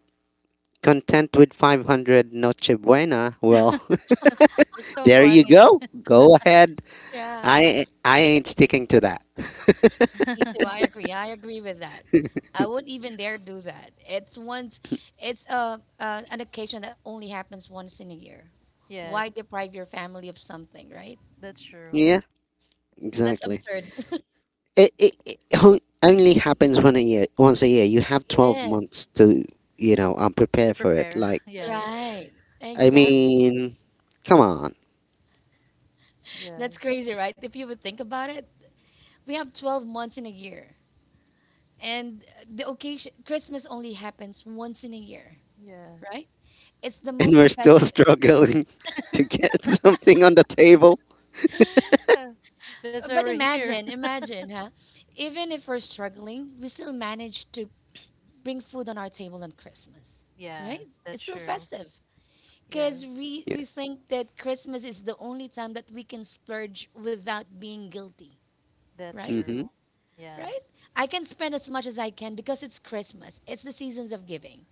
content with 500 Noche Buena, well, That's so there you funny. go. Go ahead. Yeah. I ain't sticking to that. Me too. I agree. I agree with that. I wouldn't even dare do that. It's once, it's a an occasion that only happens once in a year. Why Yes, deprive your family of something, right? that's true. Yeah, That's exactly. absurd. Only happens one a year, once a year. You have 12 Yes, months to, you know, prepare To for it. prepare. Like, Yes, right. I that's Exactly. true. mean, come on. That's Yes. crazy, right? If you would think about it, we have 12 months in a year. And the occasion, Christmas only happens once in a year, Yes. right? It's the And we're most still festive. struggling to get something on the table. That's why But we're here. imagine, imagine, huh? Even if we're struggling, we still manage to bring food on our table on Christmas, right? Yes, It's that's still true. festive because Yes, we Yeah. we think that Christmas is the only time that we can splurge without being guilty, that's right? true. hmm Yeah, Right? I can spend as much as I can because it's Christmas. It's the seasons of giving,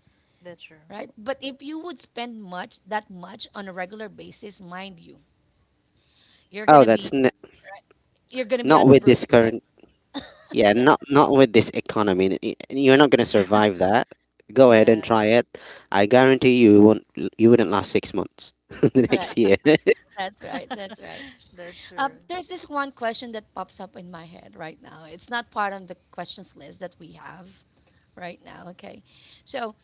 that's true. right? But if you would spend much that much on a regular basis, mind you, you're Oh, gonna be you're gonna be not at with Yeah. this burst, right? current. Yeah, not with this economy. You're not gonna survive that. Go ahead and Yes. try it. I guarantee you won't. You wouldn't last 6 months the next Correct. year. That's right. That's right. That's true. There's this one question that pops up in my head right now. It's not part of the questions list that we have right now. Okay. So,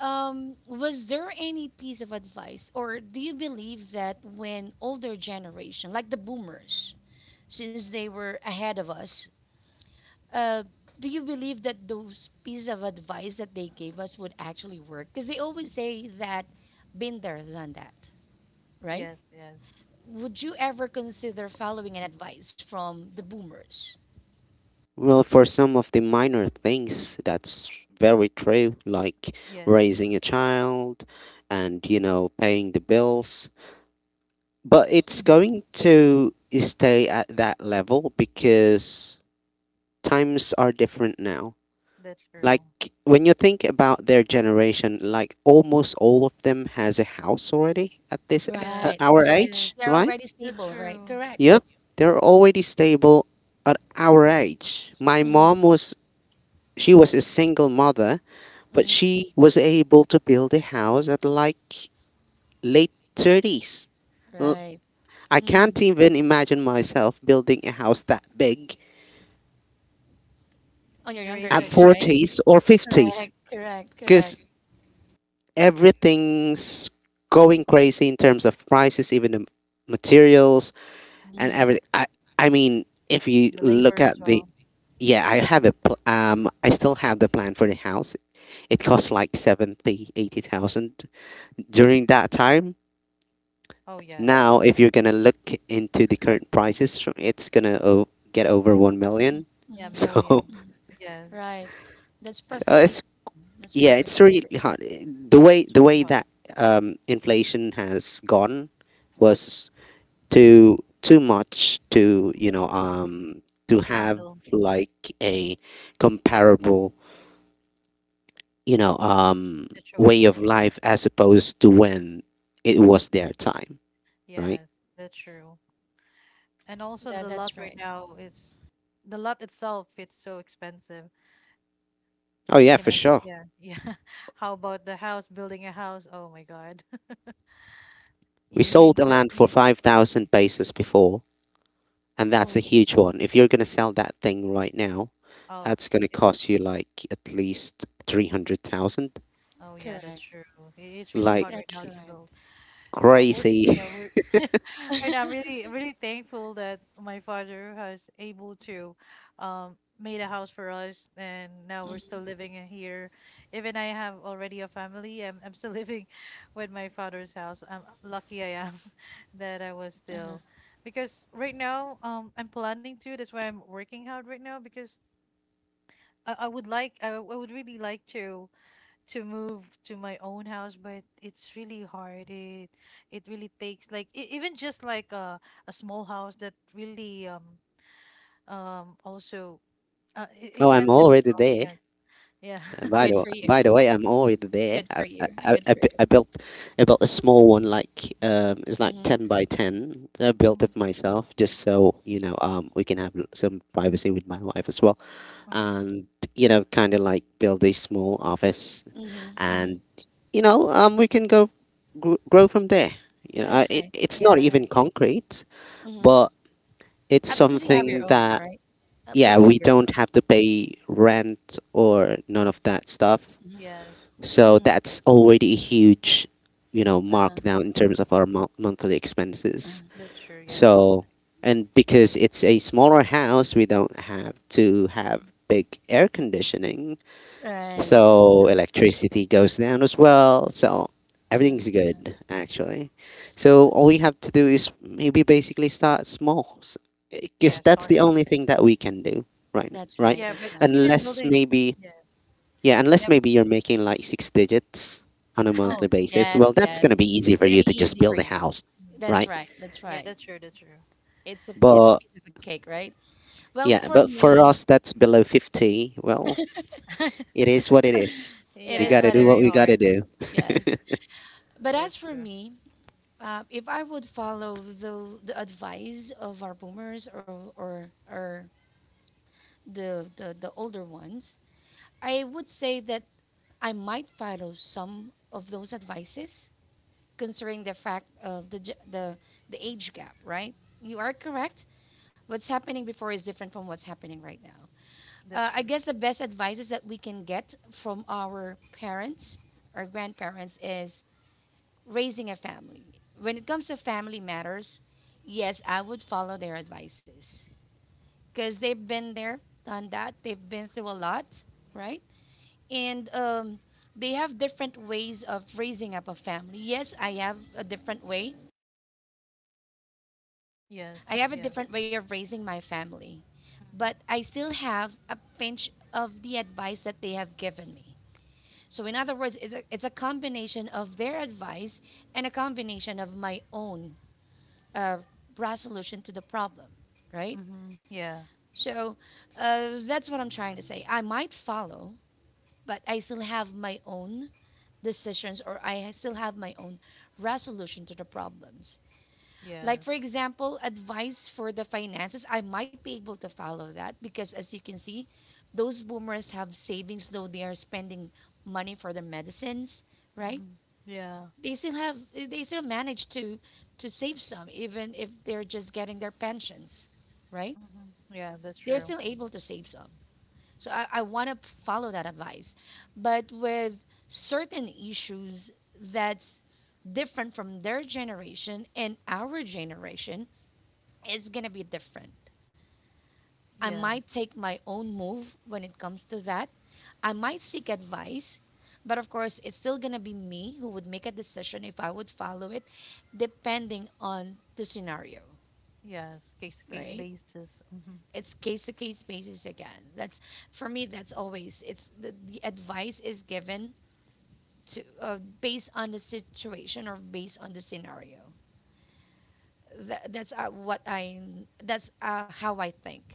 was there any piece of advice, or do you believe that when older generation, like the boomers, since they were ahead of us, uh, do you believe that those pieces of advice that they gave us would actually work? Because they always say that, been there, done that, right? Yes, yes, Would you ever consider following an advice from the boomers? Well, for some of the minor things, that's very true, like yes, raising a child and, you know, paying the bills. But it's going to stay at that level because times are different now. that's true. Like when you think about their generation, like almost all of them has a house already at this at Right, Yes, our correct. age, yes, They're right? already that's stable, right? true. Correct. Yep, they're already stable at our age. My Mm-hmm, mom was She was a single mother, but mm-hmm, she was able to build a house at like late 30s. L- Oh, right. I Mm-hmm. can't even imagine myself building a house that big On your in the younger at rage age, right right? now. 40s or Correct, 50s correct, correct. because everything's going crazy in terms of prices, even the materials and Mm-hmm, Mm-hmm. everything. I mean, if you The look labor as at the well. Yeah, I have a I still have the plan for the house. It cost like 70, 80,000 during that time. Oh, yes. Now, if you're gonna look into the current prices, so it's gonna get over 1 million. Yeah, So, million. Yes. right. That's so perfectly it's true. That's Yeah, it's perfectly true. really hard. The way the It's way really hard. that inflation has gone was too much to Mhm. To To have handle like a comparable you know um way of situation. life as opposed to when it was Hmm their time, right? Yes, that's true. And That, also the that's lot right. right now, it's the lot itself, it's so expensive. Oh yeah, You for cannot, sure. yeah, yeah. How about the house, building a house? Oh my God. We You sold really a need a, land for you, 5000 pesos before, and that's a oh, huge one. If you're going to sell that thing right now, oh, that's going to it, cost you like at least 300,000. oh yeah, Correct. that's true. I- It's really Like That's hard right now to correct. build. Yeah, we're, crazy. yeah, we're right now. I'm really really thankful that my father has able to made a house for us, and now we're still living in here. Even I have already a family, I'm, still living with my father's house. I'm lucky I am, that I was still, because right now I'm planning to. That's why I'm working hard right now, because I would like, I would really like to move to my own house, but it's really hard. It it really takes like, even just like a small house, that really also, Oh, I'm expensive as already well. there. Yes. Yeah. Good for you. By the way, I'm already there. Good for you. Good for you. I built a small one like it's like Mm-hmm, 10 by 10. I built it Mm, myself just so you know we can have some privacy with my wife as well, mm. and you know kind of like build a small office, mm-hmm, mm-hmm. and we can grow from there. You know That's it, right. it's not Yes, even Correct. concrete, Mm-hmm. but it's At least you have your something own, that right? At least yeah you have we your don't own. have to pay rent or none of that stuff, Mm-hmm, yes, so mm-hmm. that's already a huge, you know, Uh-huh, markdown in uh-huh, terms of our monthly expenses. that's true. uh-huh. Yes. Okay. So, and because it's a smaller house, we don't have to have big air conditioning. Right. So Mm-hmm. electricity goes down as well. So Uh-huh. everything's good, actually. So all we have to do is maybe basically start small because Yeah, that's start. the only thing that we can do right now, That's right? right. Yeah, That's but right. even Unless building. maybe Yes. Yeah, unless Yep. maybe you're making like six digits on a monthly Oh, basis. yes, Well, that's going yes. to be easy It's for gonna you be to just easy for build a you. house, Mm. That's right? right. That's right. Yeah, that's true, that's true. It's a But piece of a cake, right? Well, Yeah, for but for me, us that's below 50, well, it is what it is. it We is got to what Yeah, do it what is. we very got to hard. do. Yes. But as That's for true, me, if I would follow the advice of our boomers or the older ones, I would say that I might follow some of those advices, considering the fact of the ge- the age gap, right? You are correct what's happening before is different from what's happening right now. That's I true. guess the best advices that we can get from our parents or grandparents is raising a family. When it comes to family matters, yes, I would follow their advices because they've been there, done that. They've been through a lot, right? And they have different ways of raising up a family. Yes, Yes, I have a yes. different way of raising my family, but hmm I still have a pinch of the advice that they have given me. So, in other words, it's a combination of their advice and a combination of my own uh, resolution to the problem, right? hmm yeah. So, that's what I'm trying to say. I might follow, but I still have my own decisions or I still have my own resolution to the problems. Like, for Yes. example, advice for the finances, I might be able to follow that because, as you can see, those boomers have savings, though they are spending money for their medicines, right? hmm Yeah. They still have, they still manage to save some, even if they're just getting their pensions, right? hmm Yeah, that's They're still true. able to save some. So I want to follow that advice, but with certain issues that's different from their generation and our generation it's going to be different. I might Yes. take my own move when it comes to that. I might seek advice, but of course, it's still going to be me who would make a decision if I would follow it, depending on the scenario, Yes. Case right? case basis. Hmm It's case to case basis again. That's for me. That's always it's the advice is given to based on the situation or based on the scenario. That, that's what I. That's how I think.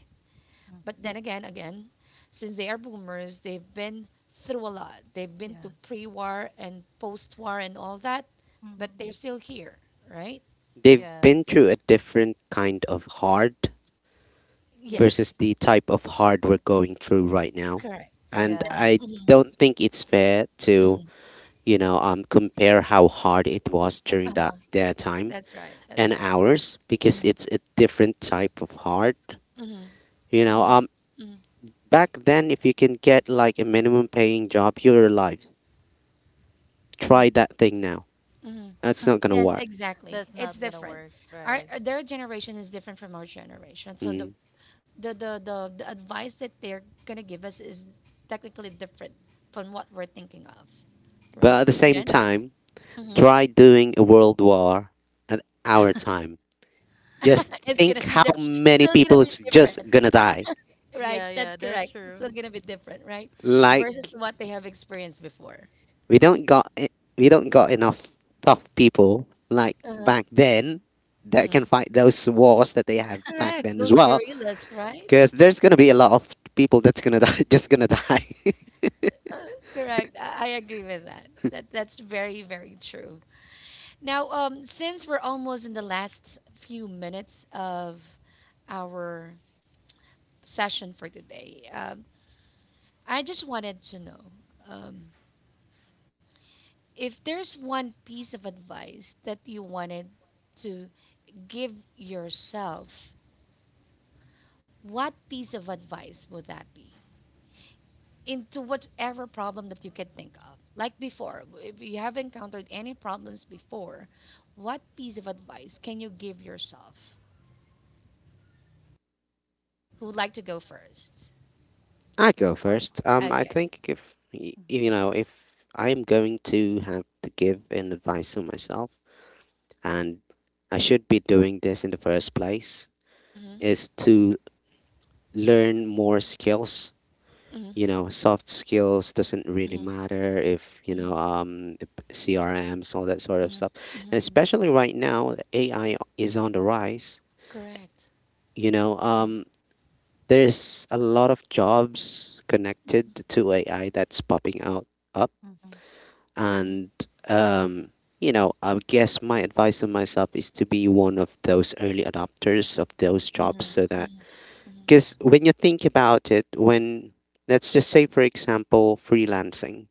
hmm But then again, since they are boomers, they've been through a lot. They've been to Yes. pre-war and post-war and all that, but they're hmm still here, right? They've been through Yes. a different kind of hard Yes. Yes, versus the type of hard we're going through right now. correct. And That's I Yeah. mhm, don't think it's fair to, mhm, you know, compare how hard it was during that uh-huh. their time That's right. That's and right. ours because Mhm, it's a different type of heart. mhm, You know, mhm, mhm, back then, if you can get like a minimum paying job, you're alive. Try mhm, that thing now. mhm. That's not gonna Yes, work. exactly. That's It's not gonna different. work, Our right? their generation is different from our generation. So Mm. the advice that they're gonna give us is technically different from what we're thinking of. But at Right? the same Again, time, hmm. try doing a world war at our time. Just it's think Mm. gonna be how di- it's many still people gonna is be just different, gonna die. right? Yeah, That's yeah, correct. that's It's still true. gonna be different, right? Versus Like what Yes. they have experienced before. We don't got enough tough people like Uh, back then that can mhm. fight those wars that they have back then Correct. as Those well. gorillas, right? Because there's gonna be a lot of people that's gonna die, just gonna die. Uh, correct. I agree with that. That's very very true. Now, since we're almost in the last few minutes of our session for today, I just wanted to know. Um, if there's one piece of advice that you wanted to give yourself, what piece of advice would that be? Into whatever problem that you could think of. Like before, if you have encountered any problems before, what piece of advice can you give yourself? Who would like to go first? I go Uh, first. I Okay. think if y- you know, mm-hmm. if I'm going to have to give an advice to myself, and I should be doing this in the first place, Mm-hmm. is to learn more skills. Mm-hmm. You know, soft skills doesn't really Mm-hmm. matter if you Mm-hmm. know CRMs, all that sort of Mm-hmm. stuff, Hmm. and Mm-hmm. especially right now, AI is on the rise. Correct. You know, Right. There's a lot of jobs connected to AI that's popping out up, Mm-hmm. Mm-hmm. and um, you know, I guess my advice to myself is to be one of those early adopters of those jobs, so Mm-hmm. that Mm-hmm. because when you think about it, when let's just say, for example, freelancing,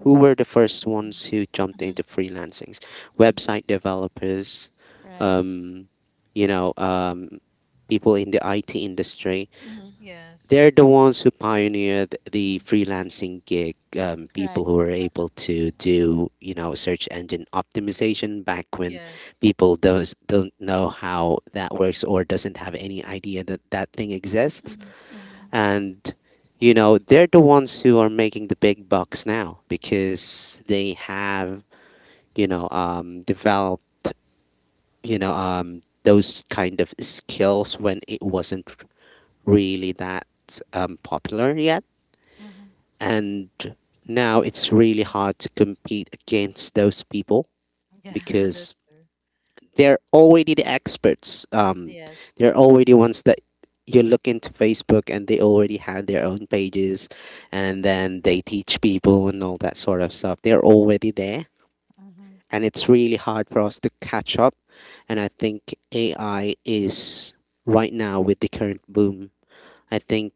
who were the hmm first ones who jumped into freelancing? Website developers, Right. um, you know, people in the IT industry, Mm-hmm. they're yes. the ones who pioneered the freelancing gig. People who Correct. were able to do you know search engine optimization back when Yes. people those don't know how that works or doesn't have any idea that that thing exists. Mm-hmm. And you know they're the ones who are making the big bucks now because they have you know developed you know those kind of skills when it wasn't really that popular yet. Mm-hmm. And now it's really hard to compete against those people Yeah, because that's true. they're already the experts. Yes. They're already ones that you look into Facebook and they already have their own pages and then they teach people and all that sort of stuff. They're already there. Mm-hmm. And it's really hard for us to catch up. And I think AI is right now with the current boom. I think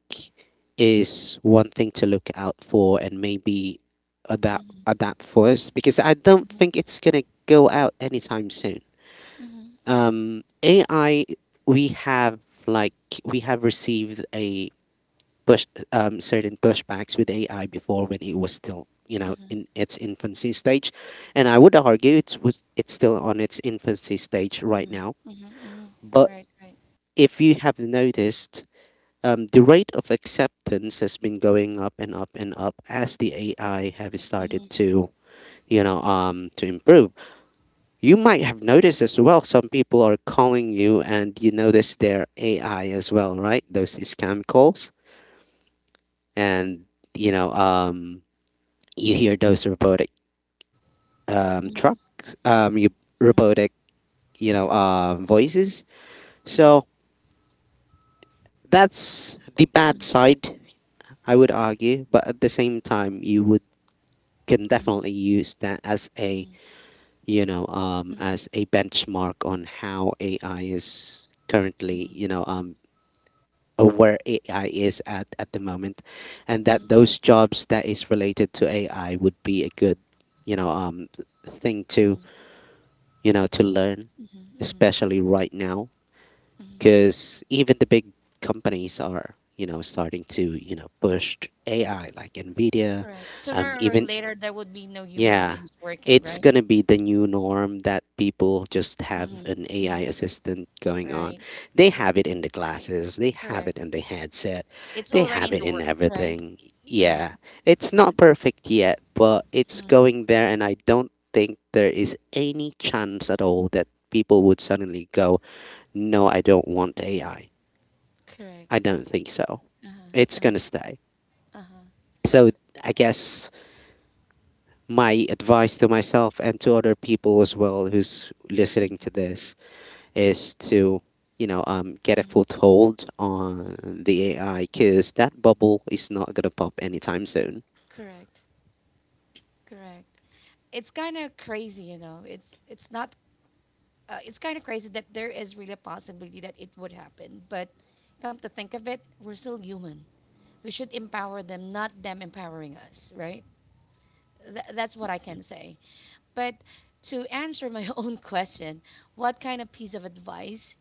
is one thing to look out for and maybe adapt Mm-hmm. adapt first because I don't Mm-hmm. think it's gonna go out anytime soon. Mm-hmm. AI we have like we have received a push certain pushbacks with AI before when it was still you know Mm-hmm. in its infancy stage, and I would argue it's still on its infancy stage right Mhm, now. mhm, mhm. But Right, right. if you have noticed, the rate of acceptance has been going up and up and up as the AI have started to you know to improve. You might have noticed as well some people are calling you and you notice their AI as well, right? Those scam calls and you know you hear those robotic trucks you robotic you know voices. So that's the bad Mhm, side I would argue, but at the same time you would can mhm, definitely use that as a mhm, you know mhm, as a benchmark on how AI is currently you know or where AI is at the moment, and mhm, that those jobs that is related to AI would be a good you know thing to you know to learn, mhm, mhm. especially right now, because even the big companies are you know starting to you know push AI like Nvidia, Correct. Sooner or even later, there would be no human yeah, beings working, it's right? gonna be the new norm that people just have Mhm, an AI mhm. assistant going on. Right, They right. have it in the glasses, they have it Correct. in the headset, It's they already have in the it in works, right? everything. Right. Yeah, it's not perfect yet, but it's Mhm. going there, and I don't think there is any chance at all that people would suddenly go, no, I don't want AI. I Correct. don't think so. Uh-huh, It's uh-huh, gonna stay. uh-huh. So I guess my advice to myself and to other people as well who's listening to this is to you know get a foothold on the AI because that bubble is not gonna pop anytime soon. Correct. Correct. It's kind of crazy, you know. It's not. It's kind of crazy that there is really a possibility that it would happen, but come to think of it, we're still human. We should empower them, not them empowering us, right? That's what I can say. But to answer my own question, what kind of piece of advice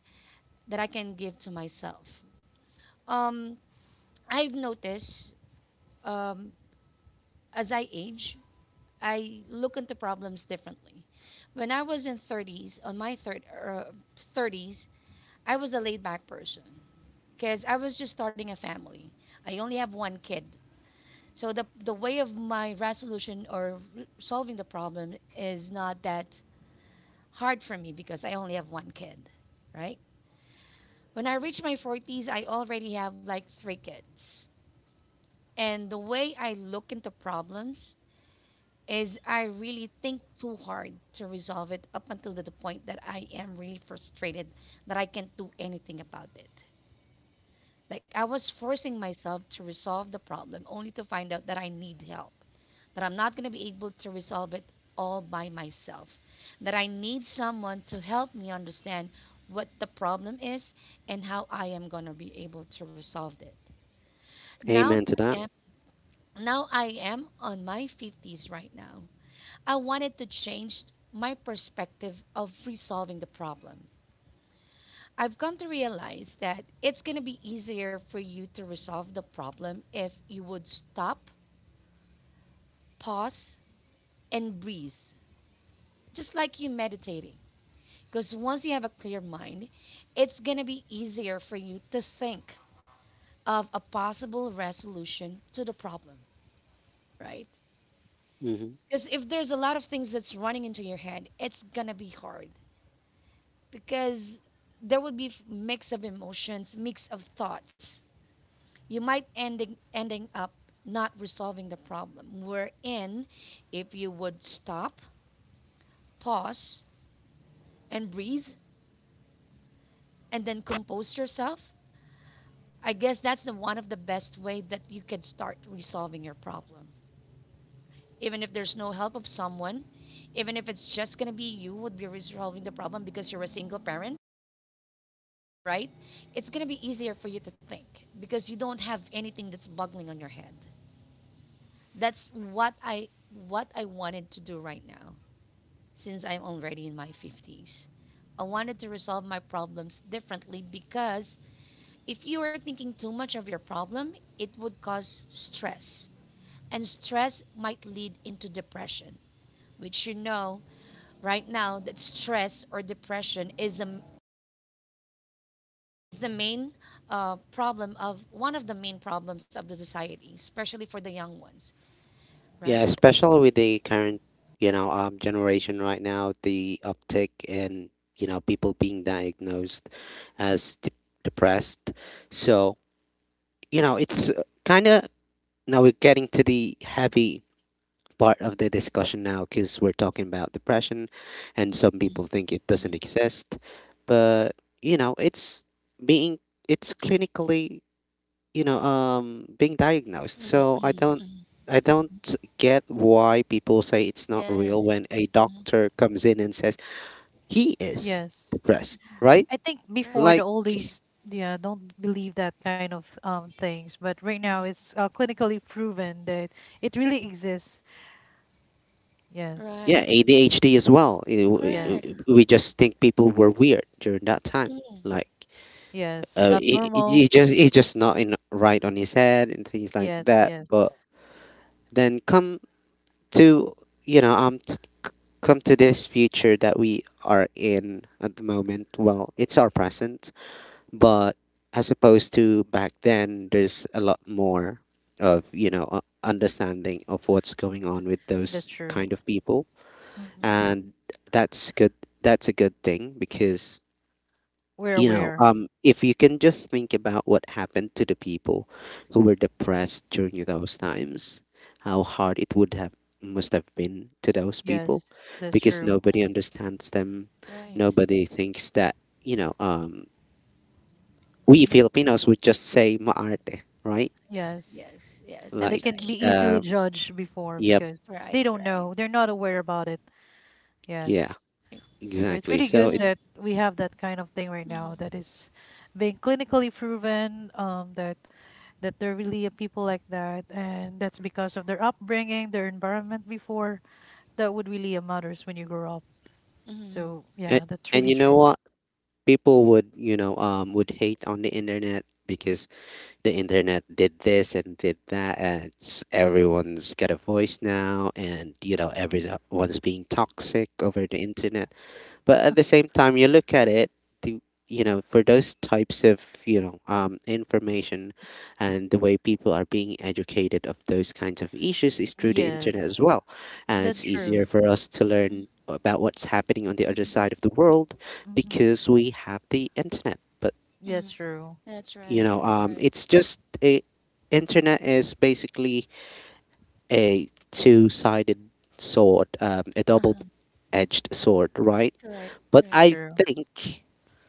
that I can give to myself? Um, I've noticed um, as I age, I look into problems differently. When I was in 30s, on my third, 30s, I was a laid back person because I was just starting a family. I only have one kid. So the way of my resolution or solving the problem is not that hard for me because I only have one kid, right? When I reach my 40s, I already have like three kids. And the way I look into problems is I really think too hard to resolve it up until the point that I am really frustrated that I can't do anything about it. Like I was forcing myself to resolve the problem only to find out that I need help that I'm not going to be able to resolve it all by myself, that I need someone to help me understand what the problem is and how I am going to be able to resolve it. Now Amen to I that. am now I am on my 50s right now. I wanted to change my perspective of resolving the problem. I've come to realize that it's going to be easier for you to resolve the problem if you would stop, pause, and breathe, just like you meditating. Because once you have a clear mind, it's going to be easier for you to think of a possible resolution to the problem, right? Hmm. Because if there's a lot of things that's running into your head, it's going to be hard because there would be mix of emotions, mix of thoughts. You might ending up not resolving the problem. Wherein, if you would stop, pause, and breathe, and then compose yourself, I guess that's the one of the best way that you can start resolving your problem. Even if there's no help of someone, even if it's just gonna be you would be resolving the problem because you're a single parent, right? It's gonna be easier for you to think because you don't have anything that's boggling on your head. That's what I wanted to do right now since I'm already in my 50s. I wanted to resolve my problems differently because if you are thinking too much of your problem, it would cause stress and stress might lead into depression which you know right now that stress or depression is the main problem of one of the main problems of the society especially for the young ones, right? Yeah, especially with the current you know generation right now, the uptick in you know people being diagnosed as de- depressed. So you know it's kind of now we're getting to the heavy part of the discussion now because we're talking about depression, and some Mhm, people think it doesn't exist. But you know, being it's clinically you know being diagnosed. So mhm. I don't get why people say it's not real Yes, when a doctor comes in and says he is Yes. depressed, right? I think right, before Like the oldies, yeah, don't believe that kind of things, but right now it's, clinically proven that it really exists. Yes, right, yeah, ADHD as well. You know, correct. yes, we just think people were weird during that time. Mm, Like yes. Not normal. He just not in right on his head and things like Yes, that. yes. But then come to you know come to this future that we are in at the moment. Well, it's our present, but as opposed to back then, there's a lot more of you know understanding of what's going on with That's those true. kind of people, Hmm and that's good. That's a good thing because We're you know, aware. If you can just think about what happened to the people who were depressed during those times, how hard it would have must have been to those people, Yes, that's because true. nobody understands them, right. Mm. nobody thinks that you know, we Mhm. Filipinos would just say maarte, right? Yes. Yes, yes, And they that's can right, be Like, easily um, judged before, yep, because they right, don't know, right, they're not aware about it. yeah, Yes. right. So it's exactly. really So good it Mhm, that we have that kind of thing right now, mhm, that is being clinically proven, that that there really are people like that, and that's because of their upbringing, their environment before. That would really matters when you grow up. mhm, So and, yeah, that's and really you know true. what, people would you know would hate on the internet because the internet did this and did that and everyone's got a voice now and you know everyone's being toxic over the internet but at the same time you look at it the you know for those types of you know information and the way people are being educated of those kinds of issues is through the internet Yes, as well and that's it's mhm, true. easier for us to learn about what's happening on the other side of the world Hmm because we have the internet but That's mhm. true. That's you right, know that's right. it's just a internet is basically a two-sided sword a Uh-huh. double-edged sword right Correct, but That's correct. I true. think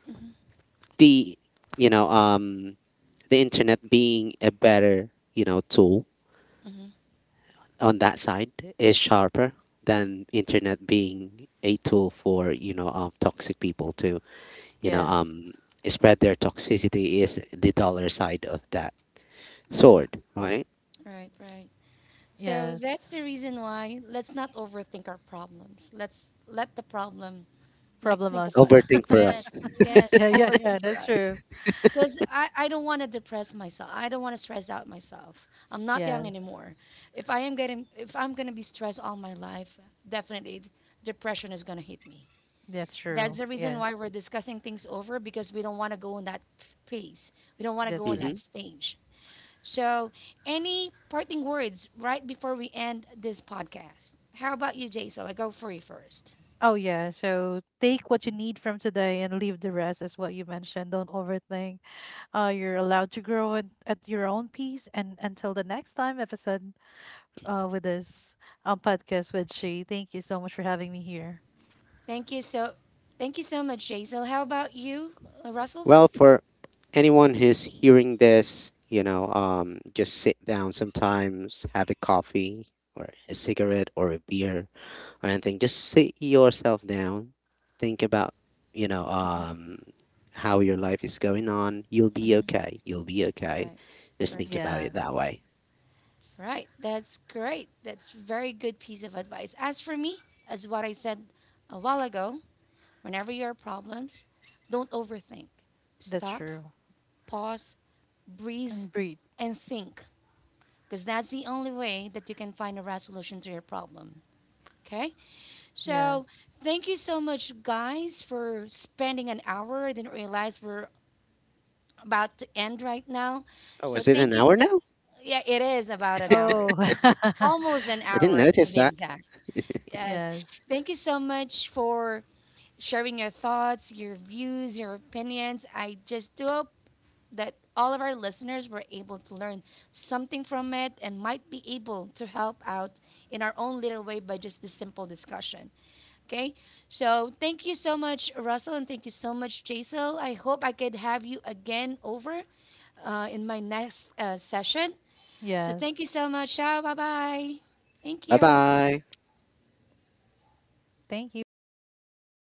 Hmm, the you know the internet being a better you know tool on that side is sharper than internet being a tool for you know toxic people to you know Yes, spread their toxicity is the dollar side of that hmm. sword right Right, right. So yes. that's the reason why let's not overthink our problems. Let's let the problem like think of Problemos. us. overthink for us. Yes, yes, Yeah, yeah, yeah. overthink for That's us. true. Because I don't want to depress myself. I don't want to stress out myself. I'm not young Yes, anymore. If I'm gonna be stressed all my life, definitely depression is gonna hit me. that's That's true. the reason Yes, why we're discussing things over because we don't want to go in that phase. We don't want to that's go in true. Mm-hmm. that stage. So, any parting words right before we end this podcast? How about you, Jaisal? I go for you first. Oh yeah, so take what you need from today and leave the rest, is what you mentioned. Don't overthink. You're allowed to grow at your own pace. And until the next time episode with this, podcast with She, thank you so much for having me here. Thank you so, thank you so much, Jaisal. How about you, Russell? Well, for anyone who's hearing this, you know, just sit down sometimes, have a coffee or a cigarette or a beer or anything. Just sit yourself down, think about, you know, how your life is going on. You'll be okay. You'll be okay. Right. Just think about Perfect. Yes, it that way. Right, that's great. That's very good piece of advice. As for me, as what I said a while ago, whenever you have problems, don't overthink. that's Stop, true. pause, breathe, And breathe. and think, because that's the only way that you can find a resolution to your problem. Okay? Yes. So, thank you so much, guys, for spending an hour. I didn't realize we're about to end right now. Oh, So, is it an thank you hour so now? yeah, it is about an hour. Oh, It's almost an I didn't hour to notice be that. exact. Yes. yes. Thank you so much for sharing your thoughts, your views, your opinions. I just do hope that all of our listeners were able to learn something from it and might be able to help out in our own little way by just this simple discussion. Okay. So thank you so much, Russell, and thank you so much, Jaisal. I hope I could have you again over in my next session. So Yes. thank you so much. Ciao. Bye bye. Thank Bye you. bye. Thank you. Bye bye.